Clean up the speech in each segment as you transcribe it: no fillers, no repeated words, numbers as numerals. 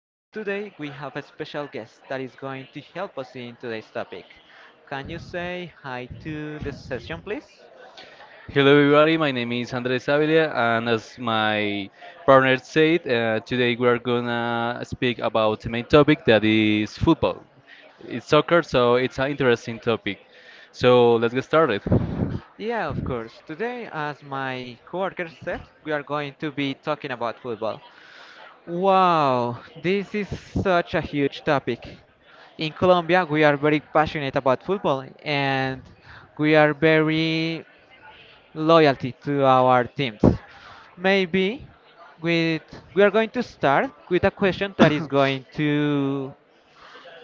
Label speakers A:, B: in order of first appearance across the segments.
A: For today, we have a special guest that is going to help us in today's topic. Can you say hi to the session, please?
B: Hello, everybody. My name is Andres Avila, and as my partner said, today we are gonna speak about the main topic that is football. It's soccer, so it's an interesting topic. So let's get started.
A: Yeah, of course. Today, as my coworker said, we are going to be talking about football. Wow, this is such a huge topic. In Colombia, we are very passionate about football and we are very loyalty to our teams. Maybe with we are going to start with a question that is going to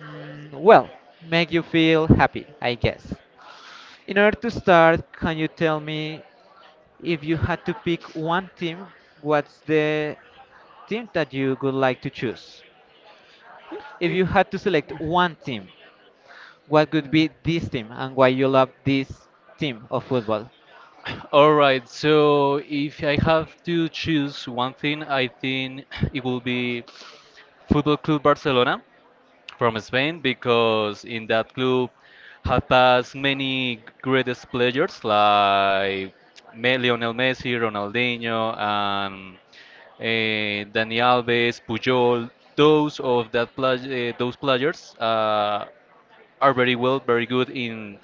A: mm, well make you feel happy, I guess. In order to start, can you tell me if you had to pick one team, what's the team that you would like to choose? If
B: Eh,
A: you had to select one team, what would be this team and why you love this team of football?
B: All right, so if I have to choose one thing, I think it will be Football Club Barcelona from Spain because in that club have passed many greatest players like Lionel Messi, Ronaldinho, and Dani Alves, Puyol. Those players are very good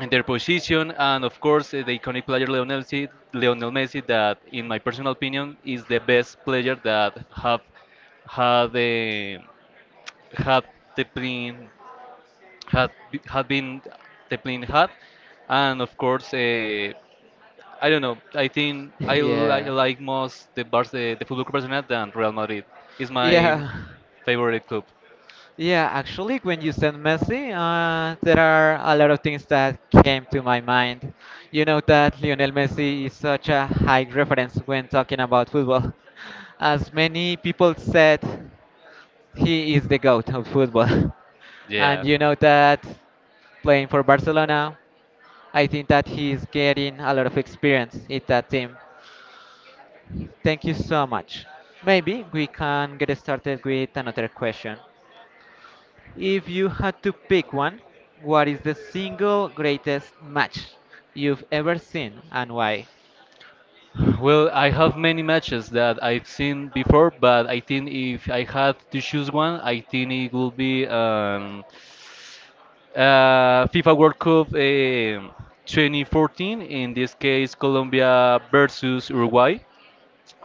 B: in their position, and of course the iconic player Lionel Messi, Lionel Messi, that in my personal opinion is the best player that have had the had the plane had b- had been the plane had, and of course, I don't know. I think I, li-
A: Yeah.
B: like most the the Football Club Barcelona than Real Madrid. It's my
A: Yeah.
B: favorite club.
A: Yeah, actually, when you said Messi, there are a lot of things that came to my mind. You know that Lionel Messi is such a high reference when talking about football. As many people said, he is the GOAT of football. And
B: Yeah.
A: you know that playing for Barcelona, I think that he is getting a lot of experience in that team. Thank you so much. Maybe we can get started with another question. If you had to pick one, what is the single greatest match you've ever seen and why?
B: Well, I have many matches that I've seen before, but I think if I had to choose one, I think it would be FIFA World Cup 2014, in this case, Colombia versus Uruguay.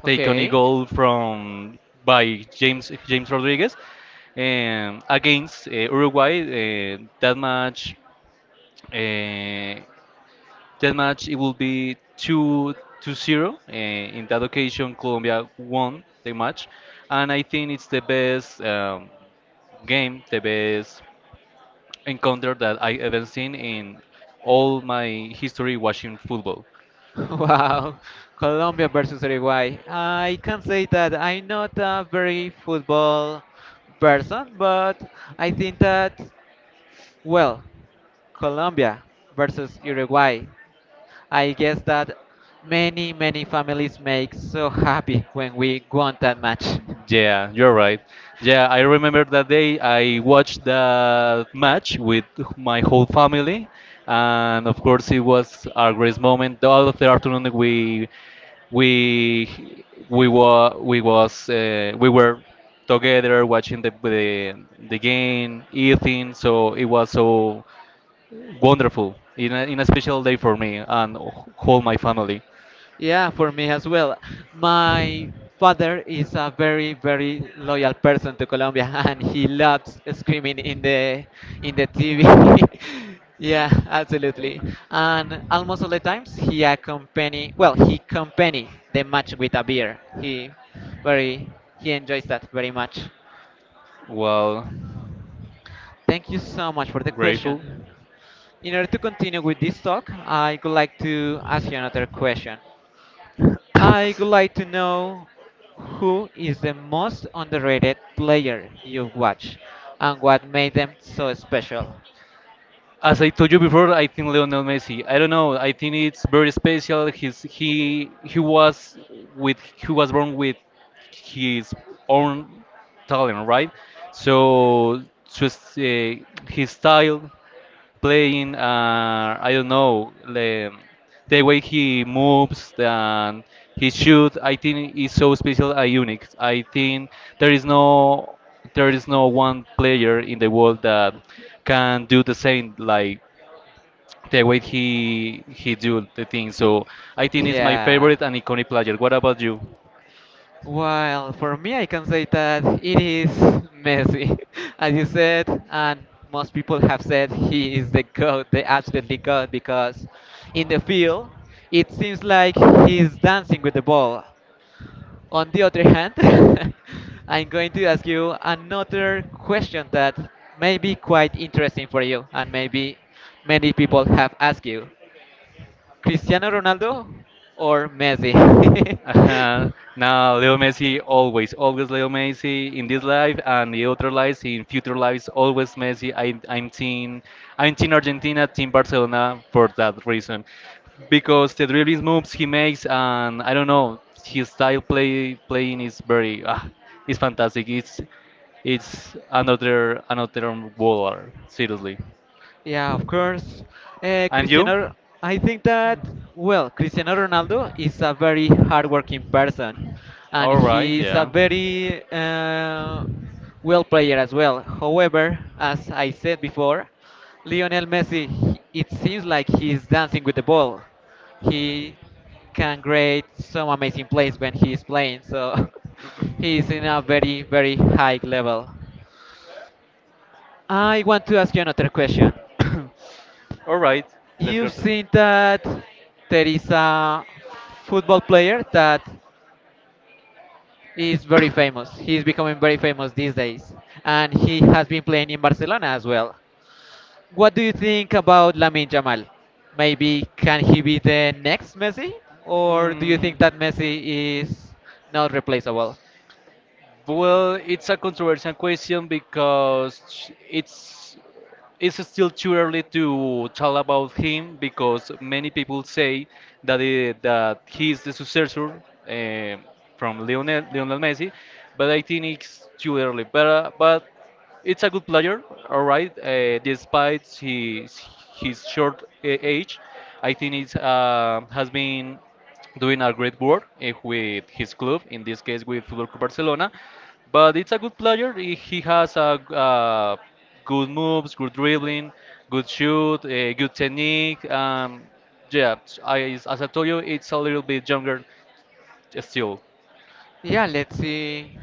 B: Take on a
A: Okay.
B: goal from by James Rodriguez against Uruguay. Uh, that match, it will be two to zero. In that occasion, Colombia won the match, and I think it's the best game, the best encounter that I ever seen in all my history watching football.
A: Wow. Colombia versus Uruguay. I can say that I'm not a very football person, but I think that, well, Colombia versus Uruguay. I guess that many, many families make so happy when we won that match.
B: Yeah, you're right. Yeah, I remember that day I watched the match with my whole family, and of course it was our greatest moment. All of the afternoon we were together watching the game, eating. So it was so wonderful in a special day for me and whole my family.
A: Yeah, for me as well. My father is a very, very loyal person to Colombia, and he loves screaming in the TV. Yeah, absolutely. And almost all the times he accompany, well, he accompany the match with a beer. Very he enjoys that very much.
B: Well,
A: Thank you so much for the
B: grateful.
A: question. In order to continue with this talk, I would like to ask you another question. I would like to know who is the most underrated player you've watched and what made them so special.
B: As I told you before, I think Lionel Messi. I don't know. I think it's very special. He was with he was born with his own talent, right? So just his style, playing, I don't know the way he moves and he shoot I think is so special and unique. I think there is no there is no one player in the world that can do the same like the way he do the thing. So I think it's my
A: Yeah.
B: favorite and iconic player. What about you?
A: Well, for me, I can say that it is Messi, as you said, and most people have said he is the god, the absolutely god, because in the field it seems like he's dancing with the ball. On the other hand, I'm going to ask you another question that may be quite interesting for you and maybe many people have asked you. Cristiano Ronaldo or Messi?
B: Ajá. No, Leo Messi always, always Leo Messi in this life and the other lives, in future lives, always Messi. I'm team Argentina, team Barcelona for that reason, because the dribbling moves he makes and I don't know his style play playing is very, ah, it's fantastic. It's another baller, seriously.
A: Yeah, of course.
B: And you?
A: Cristiano, I think that, well, Cristiano Ronaldo is a very hardworking person and
B: All right,
A: he is a
B: yeah.
A: very well player as well. However, as I said before, Lionel Messi, it seems like he is dancing with the ball. He can create some amazing plays when he is playing, so he is in a very, very high level. I want to ask you another question.
B: All right, let's go,
A: You've
B: sir.
A: seen that there is a football player that is very famous. He's becoming very famous these days, and he has been playing in Barcelona as well. What do you think about Lamine Jamal? Maybe can he be the next Messi, or do you
B: Mm.
A: think that Messi is not replaceable?
B: Well, it's a controversial question because it's still too early to tell about him because many people say that he is the successor eh, from Lionel Messi, but I think it's too early. But it's a good player, all right. Despite his short age, I think it's has been doing a great work, with his club, in this case with Football Club Barcelona. But it's a good player. He has a good moves, good dribbling, good shoot, a good technique. I, as I told you, it's a little bit younger still.
A: Yeah, let's see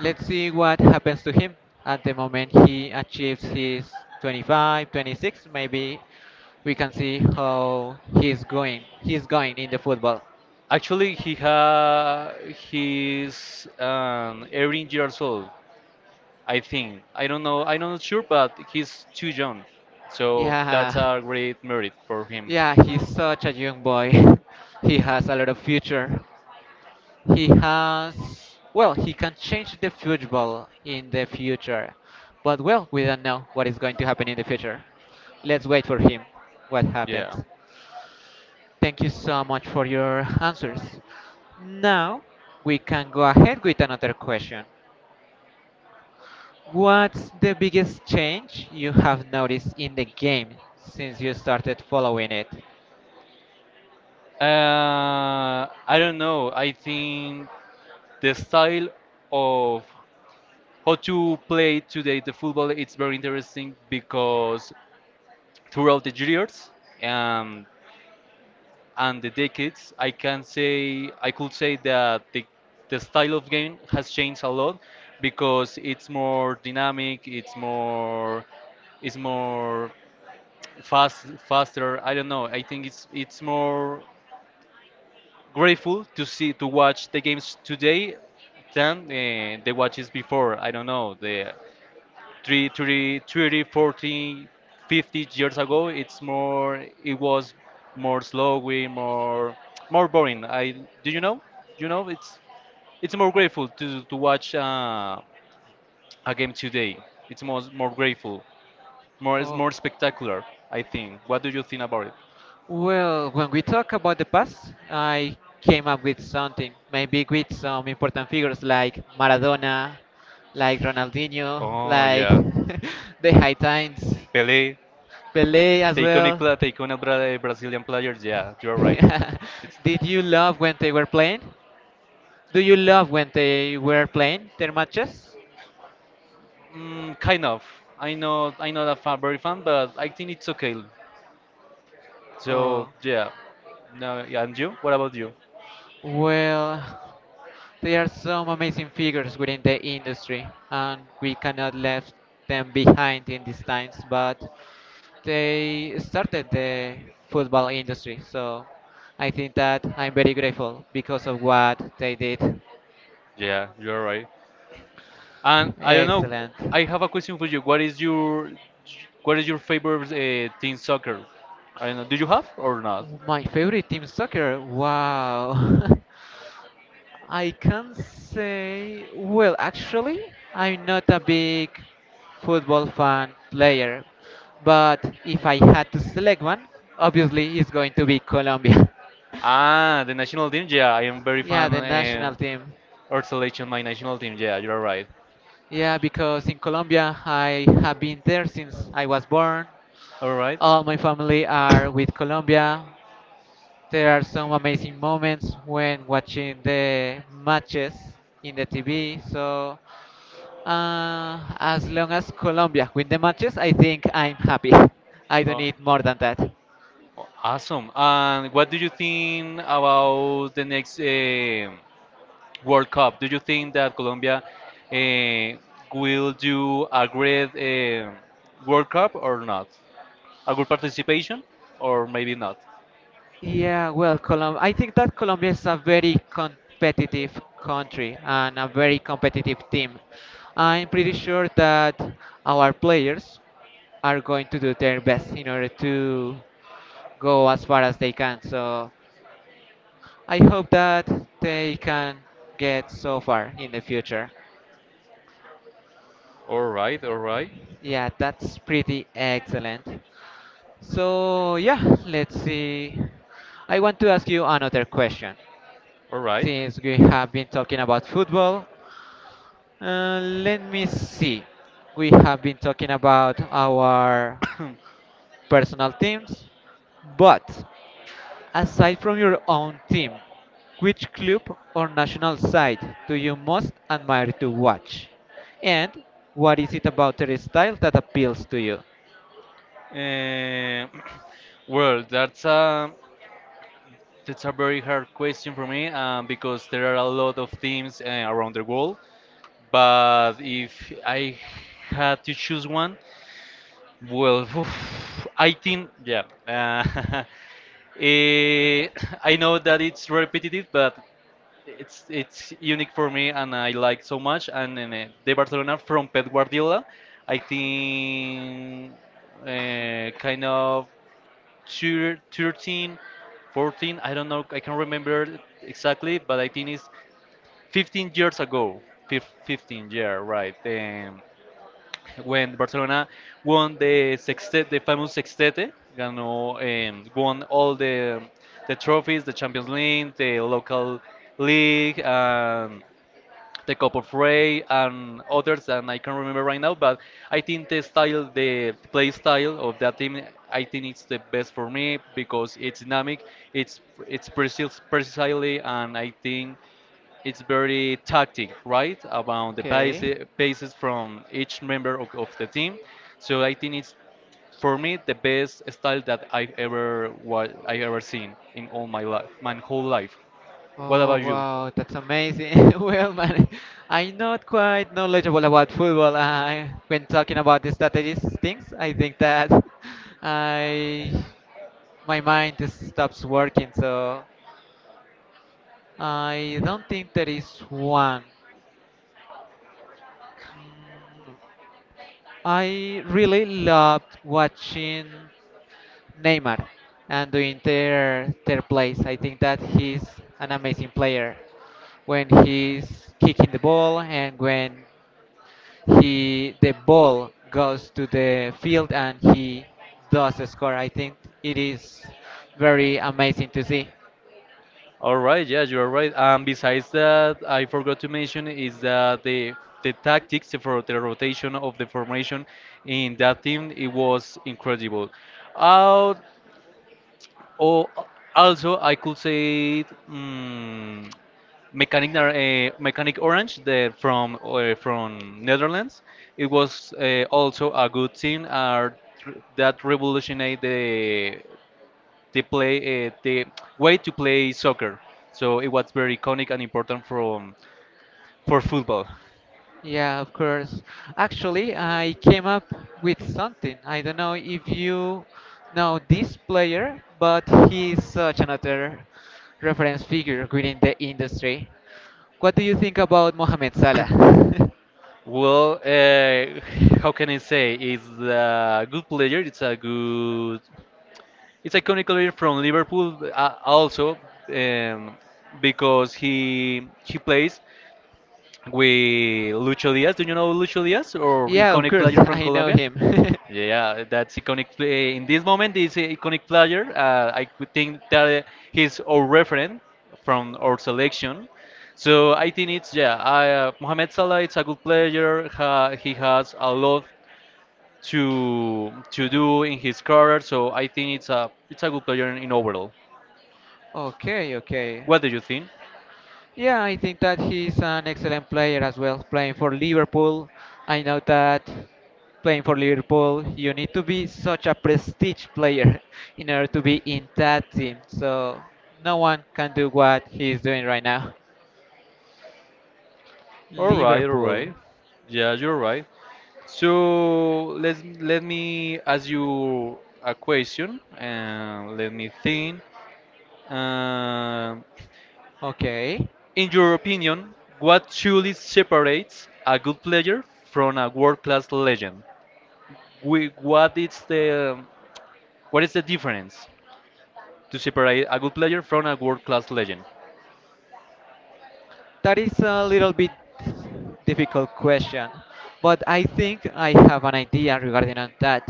A: Let's see what happens to him at the moment he achieves his 25, 26. Maybe we can see how he's going. He's going in the football.
B: Actually, he's 18 years old, I think. I don't know. I'm not sure, but he's too young. So that's
A: Yeah.
B: a great merit for him.
A: Yeah, he's such a young boy. He has a lot of future. He has well he can change the football in the future, but, well, we don't know what is going to happen in the future. Let's wait for him, what
B: Yeah.
A: happens. Thank you so much for your answers. Now we can go ahead with another question. What's the biggest change you have noticed in the game since you started following it?
B: I don't know. I think the style of how to play today the football it's very interesting because throughout the years um, and the decades, I could say that the style of game has changed a lot because it's more dynamic, it's more faster. I don't know. I think it's more grateful to see to watch the games today than the watches before. I don't know the 3, 30, 30, 40, 50 years ago. It's more. It was more slow, way more boring. I do you know? You know it's more grateful to watch a game today. It's more grateful,
A: Oh.
B: more spectacular. I think. What do you think about it?
A: Well, when we talk about the past, I came up with something, maybe with some important figures like Maradona, like Ronaldinho,
B: Oh
A: like
B: yeah,
A: the High Times,
B: Pele.
A: Pelé as
B: The iconic,
A: well.
B: pla- the iconic Brazilian players. Yeah, you're right. It's,
A: Did you love when they were playing? Do you love when they were playing their matches?
B: mm, kind of. I know. I know that fan, very fan, but I think it's okay. So
A: Oh,
B: yeah. No. Yeah, and you? What about you?
A: well. There are some amazing figures within the industry, and we cannot left them behind in these times. But they started the football industry, so I think that I'm very grateful because of what they did.
B: Yeah, you're right. And I don't know.
A: Excellent.
B: I have a question for you. What is your favorite team soccer? I don't know. Do you have or not?
A: My favorite team soccer. Wow. I can say, well, actually, I'm not a big football fan player, but if I had to select one, obviously it's going to be Colombia.
B: Ah, the national team. Yeah, I am very
A: Yeah,
B: fan,
A: the national team.
B: or selection my national team. Yeah, you're right.
A: Yeah, because in Colombia I have been there since I was born.
B: All right.
A: All my family are with Colombia. There are some amazing moments when watching the matches in the TV. So, as long as Colombia win the matches, I think I'm happy. I don't
B: Oh,
A: need more than that.
B: oh, awesome. And what do you think about the next, World Cup? Do you think that Colombia eh, will do a great, World Cup or not? A good participation or maybe not?
A: Yeah, well, I think that Colombia is a very competitive country and a very competitive team. I'm pretty sure that our players are going to do their best in order to go as far as they can. So I hope that they can get so far in the future.
B: All right, all right,
A: Yeah, that's pretty excellent. So, yeah, let's see. I want to ask you another question.
B: all right.
A: Since we have been talking about football, let me see. We have been talking about our personal teams, but aside from your own team, which club or national side do you most admire to watch? And what is it about their style that appeals to you?
B: Eh, well, that's a very hard question for me, because there are a lot of teams around the world. But if I had to choose one, well, I think yeah. Eh, I know that it's repetitive, but it's unique for me and I like so much. And the Barcelona from Pep Guardiola, I think kind of 2, 13, 14, I don't know, I can't remember exactly, but I think it's 15 years ago. 15-year, right. When Barcelona won the sextet, the famous sextete, ganó, won all the trophies, the Champions League, the local league, the Cup of Ray and others that I can not remember right now. But I think the style, the play style of that team, I think it's the best for me because it's dynamic, it's it's precise, precisely, and I think it's very tactic, right? About the
A: Okay.
B: paces from each member of the team. So I think it's for me the best style that I ever seen in all my life, my whole life. What
A: Oh
B: about you?
A: wow, that's amazing. Well, man, I'm not quite knowledgeable about football. I, when talking about the strategies things, I think that I my mind just stops working. So I don't think there is one. Mm, I really loved watching Neymar and doing their plays. I think that he's an amazing player when he's kicking the ball and when he the ball goes to the field and he does score. I think it is very amazing to see.
B: All right, yeah, you are right. And besides that, I forgot to mention is that the tactics for the rotation of the formation in that team it was incredible. Out or also I could say, mm, Mechanic Orange from Netherlands. It was also a good team, that revolutionized the play, the way to play soccer. So it was very iconic and important from for football.
A: Yeah, of course. Actually, I came up with something. I don't know if you know this player, but he's such another reference figure within the industry. What do you think about Mohamed Salah?
B: Well, how can I say? It's a good player. It's a good. It's iconic player from Liverpool, also, um, because he plays with Lucho Diaz. Do you know Lucho Diaz or iconic
A: Players?
B: player from
A: I know
B: Colombia?
A: him. Yeah.
B: Yeah, that's iconic. Play. In this moment, this iconic player, I could think that he's our referent from our selection. So I think it's yeah, Mohamed Salah is a good player. Ha, he has a lot to do in his career. So I think it's a good player in overall.
A: Okay, okay.
B: What do you think?
A: Yeah, I think that he's an excellent player as well, playing for Liverpool. I know that playing for Liverpool, you need to be such a prestige player in order to be in that team. So no one can do what he's doing right now.
B: All right, all
A: Liverpool.
B: right. Yeah, you're right. So let me ask you a question and let me think. Um,
A: Okay.
B: in your opinion, what truly separates a good player from a world-class legend? We, what is the difference to separate a good player from a world-class legend?
A: That is a little bit difficult question, but I think I have an idea regarding on that.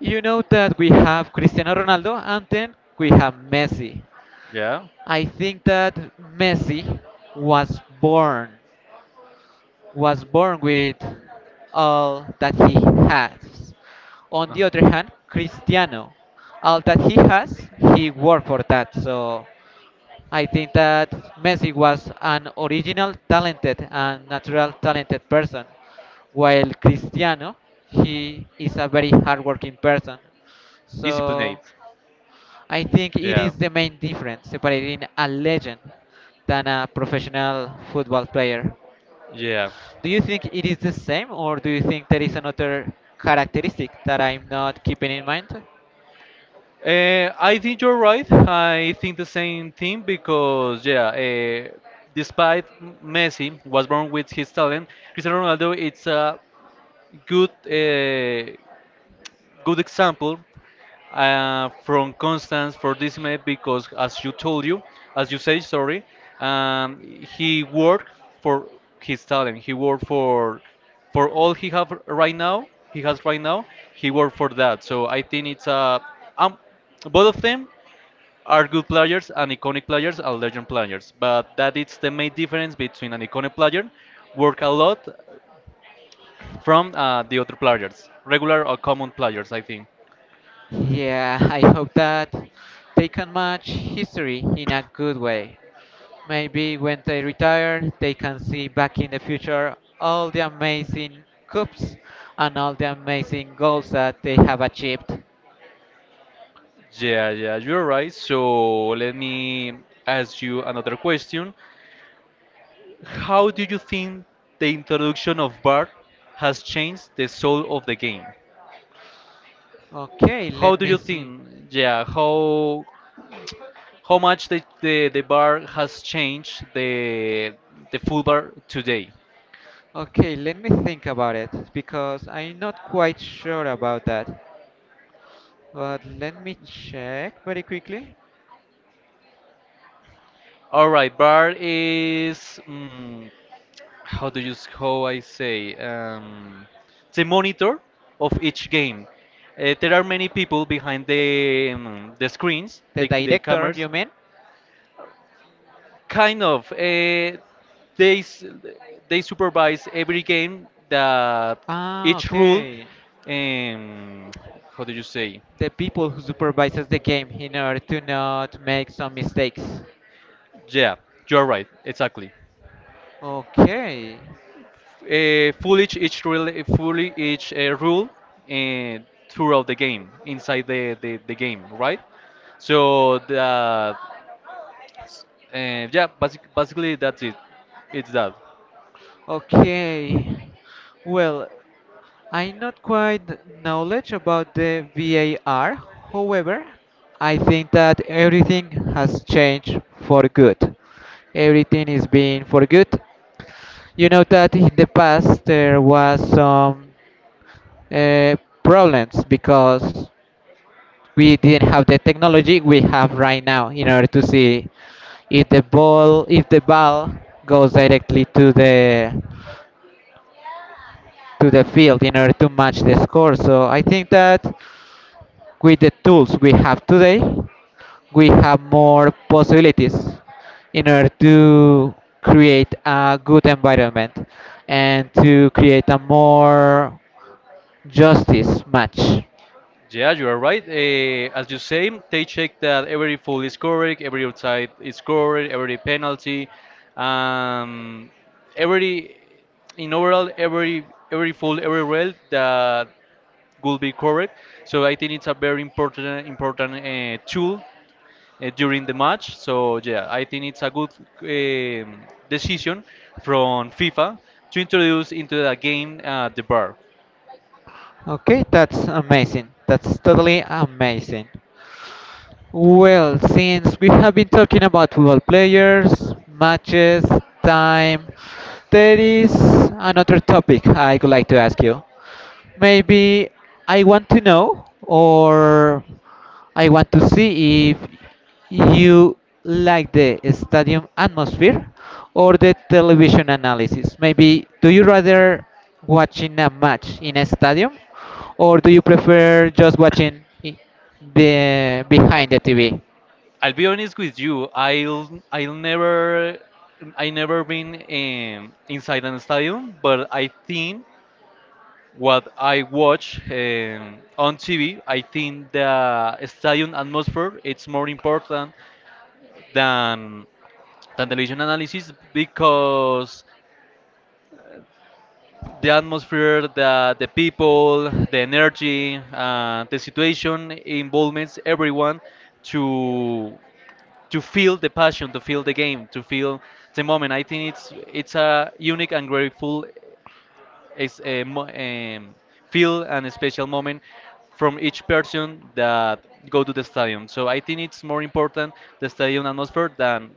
A: You know that we have Cristiano Ronaldo and then we have Messi.
B: Yeah,
A: I think that Messi was born was born with all that he has. On
B: Uh,
A: the other hand, Cristiano, all that he has, he worked for that. So I think that Messi was an original talented and natural talented person, while Cristiano, he is a very hardworking person.
B: disciplined.
A: So I think it
B: Yeah,
A: is the main difference separating a legend than a professional football player.
B: yeah.
A: Do you think it is the same, or do you think there is another characteristic that I'm not keeping in mind?
B: I think you're right. I think the same thing because yeah, despite Messi was born with his talent, Cristiano Ronaldo it's a good, good example, from Constance for this man because, as you told you, as you say, sorry, he worked for his talent. He worked for all he have right now. He has right now. He worked for that. So I think it's a um, both of them are good players and iconic players and legend players. But that is the main difference between an iconic player work a lot from the other players, regular or common players, I think.
A: Yeah, I hope that they can match history in a good way. Maybe when they retire, they can see back in the future all the amazing cups and all the amazing goals that they have achieved.
B: Yeah, yeah, you're right. So let me ask you another question. How do you think the introduction of bar has changed the soul of the game?
A: Okay,
B: How
A: let
B: do
A: me
B: you
A: see.
B: think, yeah, how much the bar has changed the full bar today?
A: Okay, let me think about it because I'm not quite sure about that. But let me check very quickly.
B: All right, bar is, mm, how do you how I say, the monitor of each game. There are many people behind the screens,
A: The
B: the
A: director,
B: cameras.
A: you mean?
B: Kind of, they s- they supervise every game that
A: Ah,
B: each rule.
A: okay.
B: Um, how do you say?
A: The people who supervises the game in order to not make some mistakes.
B: Yeah, you're right. Exactly.
A: Okay.
B: Fully each fully each rule uh, throughout the game inside the game, right? So the yeah, basically that's it, it's that.
A: Okay. Well, I'm not quite knowledge about the VAR. However, I think that everything has changed for good. Everything is being for good. You know that in the past there was some uh, problems because we didn't have the technology we have right now in order to see if the ball goes directly to the field in order to match the score. So I think that with the tools we have today, we have more possibilities in order to create a good environment and to create a more justice match.
B: Yeah, you are right. As you say, they check that every foul is correct, every outside is correct, every penalty, um, every in overall every every foul, every rule that would be correct. So I think it's a very important tool during the match. So yeah, I think it's a good um, decision from FIFA to introduce into the game the bar.
A: Okay, that's amazing. That's totally amazing. Well, since we have been talking about football players, matches, time, there is another topic I would like to ask you. Maybe I want to know or I want to see if you like the stadium atmosphere or the television analysis. Maybe do you rather watching a match in a stadium or do you prefer just watching behind the TV?
B: I'll be honest with you. I'll never I never been inside an stadium, but I think what I watch on TV, I think the stadium atmosphere it's more important than than television analysis, because the atmosphere, the people, the energy, the situation involves everyone to to feel the passion, to feel the game, to feel the moment. I think it's a unique and grateful is a mo- em, feel and a special moment from each person that go to the stadium. So I think it's more important the stadium atmosphere than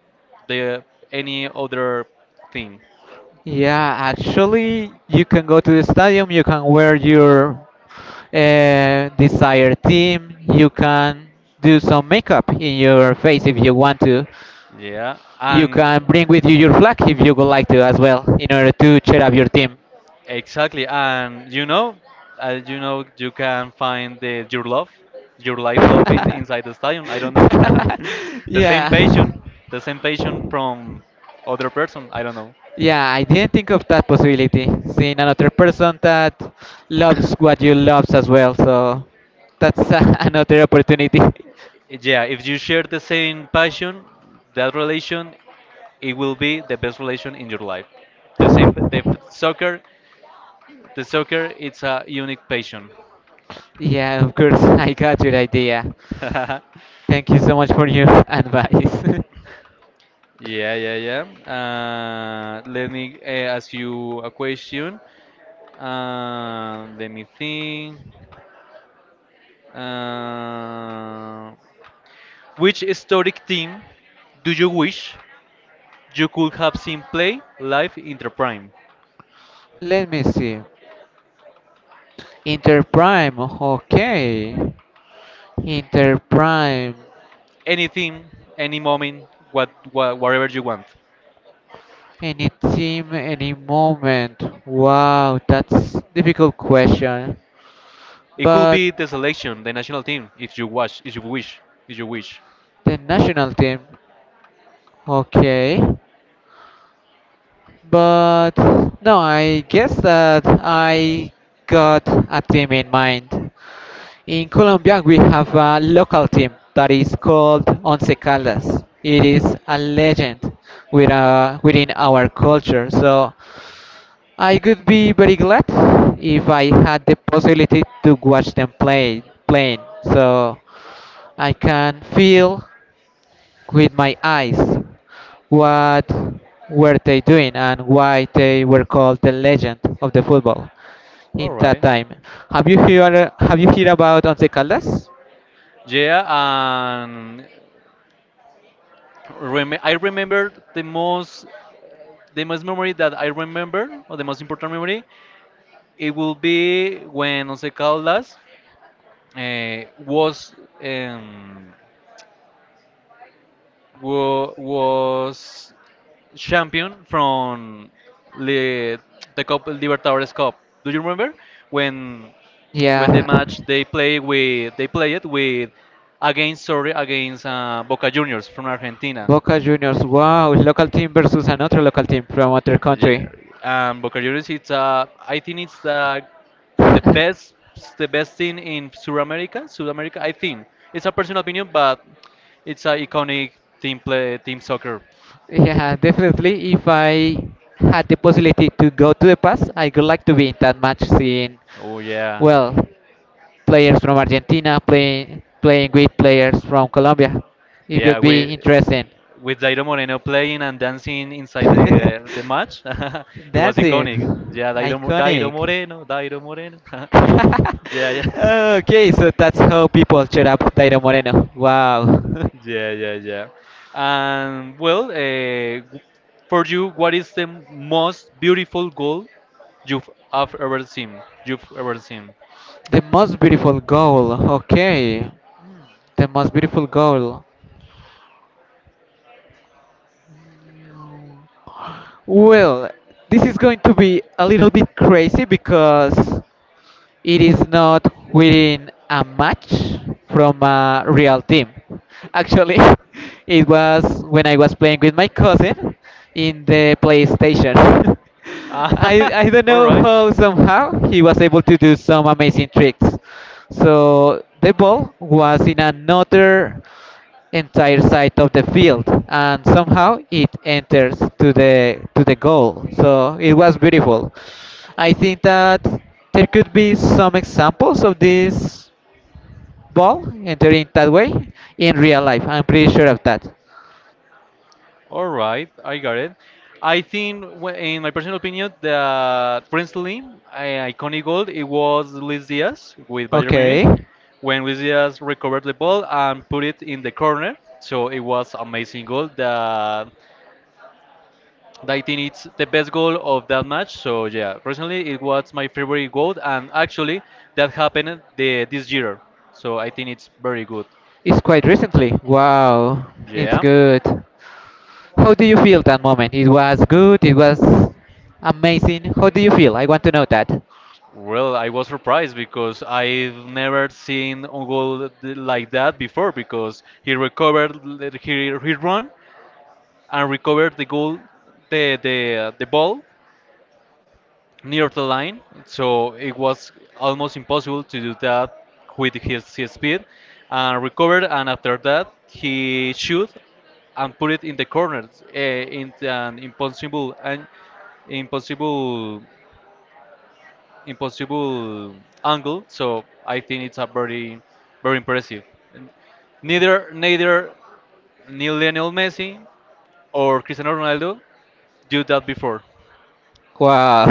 B: the any other thing.
A: Yeah, actually, you can go to the stadium, you can wear your desired team, you can do some makeup in your face if you want to.
B: Yeah,
A: You
B: and
A: can bring with you your flag if you would like to as well, in order to cheer up your team.
B: exactly, and you know, you can find the your love, your life love in inside the stadium. I don't know. The same
A: Yeah.
B: passion, the same passion from other person. I don't know.
A: Yeah, I didn't think of that possibility. Seeing another person that loves what you loves as well, so that's another opportunity.
B: Yeah, if you share the same passion, that relation, it will be the best relation in your life. The same, soccer, the soccer, it's a unique passion.
A: Yeah, of course, I got your idea. Thank you so much for your advice.
B: Yeah, yeah, yeah. Let me ask you a question. Let me think. Uh, which historic team do you wish you could have seen play live in their prime?
A: Let me see. Interprime, okay. Interprime.
B: Any team, any moment, whatever you want.
A: Any team, any moment. Wow, that's difficult question.
B: It could
A: But.
B: be the selection, the national team, if you wish.
A: The national team. Okay. But no, I guess that I got a team in mind. In Colombia, we have a local team that is called Once Caldas. It is a legend within our culture. So I could be very glad if I had the possibility to watch them playing. So I can feel with my eyes what were they doing and why they were called the legend of the football in
B: All
A: that
B: right.
A: time. Have you heard about Once Caldas?
B: Yeah, and rem I remember the most memory that I remember, or the most important memory, it will be when Once Caldas was um, was champion from Li- the Cup Libertadores Cup. Do you remember when
A: Yeah.
B: they play it with against, sorry, against Boca Juniors from Argentina.
A: Boca Juniors, wow, local team versus another local team from other
B: Yeah,
A: country.
B: and Boca Juniors it's I think it's the best the best thing in South America. South America, I think it's a personal opinion, but it's an iconic team play team soccer.
A: Yeah, definitely. If I had the possibility to go to the past, I would like to be in that match seeing,
B: Oh yeah,
A: well, players from Argentina playing with players from Colombia. It
B: yeah.
A: would be interesting.
B: With Dairo Moreno playing and dancing inside the match. It was iconic.
A: Dancing,
B: Yeah, Dairo
A: iconic.
B: Moreno, Dairo Moreno. Yeah, yeah,
A: Okay, so that's how people cheer up Dairo Moreno. Wow,
B: yeah, yeah, yeah. And well, for you, what is the most beautiful goal you've have ever seen? You've ever seen?
A: the most beautiful goal. Okay, the most beautiful goal. Well, this is going to be a little bit crazy because it is not within a match from a real team. Actually, it was when I was playing with my cousin in the PlayStation. I,
B: Ah,
A: I don't
B: all
A: know
B: right,
A: how somehow he was able to do some amazing tricks. So the ball was in another entire side of the field and somehow it enters to the goal, so it was beautiful. I think that there could be some examples of this ball entering that way in real life. I'm pretty sure of that.
B: all right, I got it. I think, in my personal opinion, that recently, iconic goal it was Luis Diaz with Bayern Munich,
A: Okay,
B: when Luis Diaz recovered the ball and put it in the corner. So it was amazing goal. That I think it's the best goal of that match. So yeah, personally, it was my favorite goal, and actually, that happened this year. So I think it's very good.
A: it's quite recently. Wow, it's
B: Yeah.
A: good. How do you feel that moment? It was good, it was amazing. How do you feel? I want to know that.
B: Well, I was surprised because I've never seen a goal like that before, because he recovered, he run and recovered the goal, the ball near the line, so it was almost impossible to do that with his speed, and recovered, and after that he shoot and put it in the corner, in an impossible and impossible impossible angle. So I think it's a very, very impressive. And neither Neil Lionel Messi or Cristiano Ronaldo do that before.
A: Wow.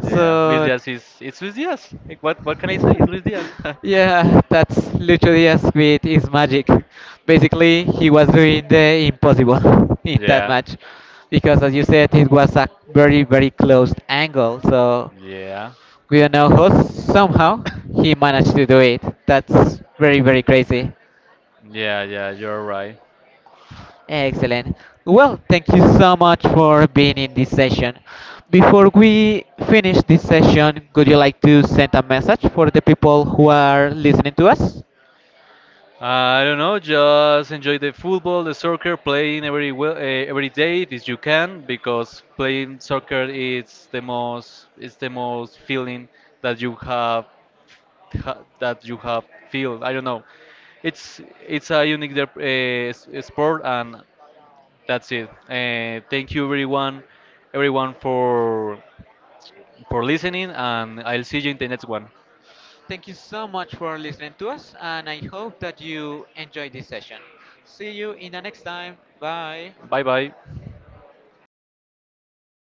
B: Yeah, Luis
A: So.
B: Diaz is, it's Luis Diaz. Like, what can I say? It's Luis Diaz.
A: Yeah, that's literally as with his magic. Basically, he was doing the impossible in that
B: Yeah,
A: match because, as you said, it was a very, very closed angle. So
B: yeah,
A: we don't know how somehow he managed to do it. That's very, very crazy.
B: yeah, yeah. You're right.
A: Excellent. Well, thank you so much for being in this session. Before we finish this session, would you like to send a message for the people who are listening to us?
B: I don't know, just enjoy the football, the soccer, playing every, well, every day if you can, because playing soccer is the most, is the most feeling that you have that you have feel. I don't know, it's it's a unique sport, and that's it. Everyone for listening, and I'll see you in the next one.
A: Thank you so much for listening to us, and I hope that you enjoyed this session. See you in the next time. Bye.
B: Bye bye.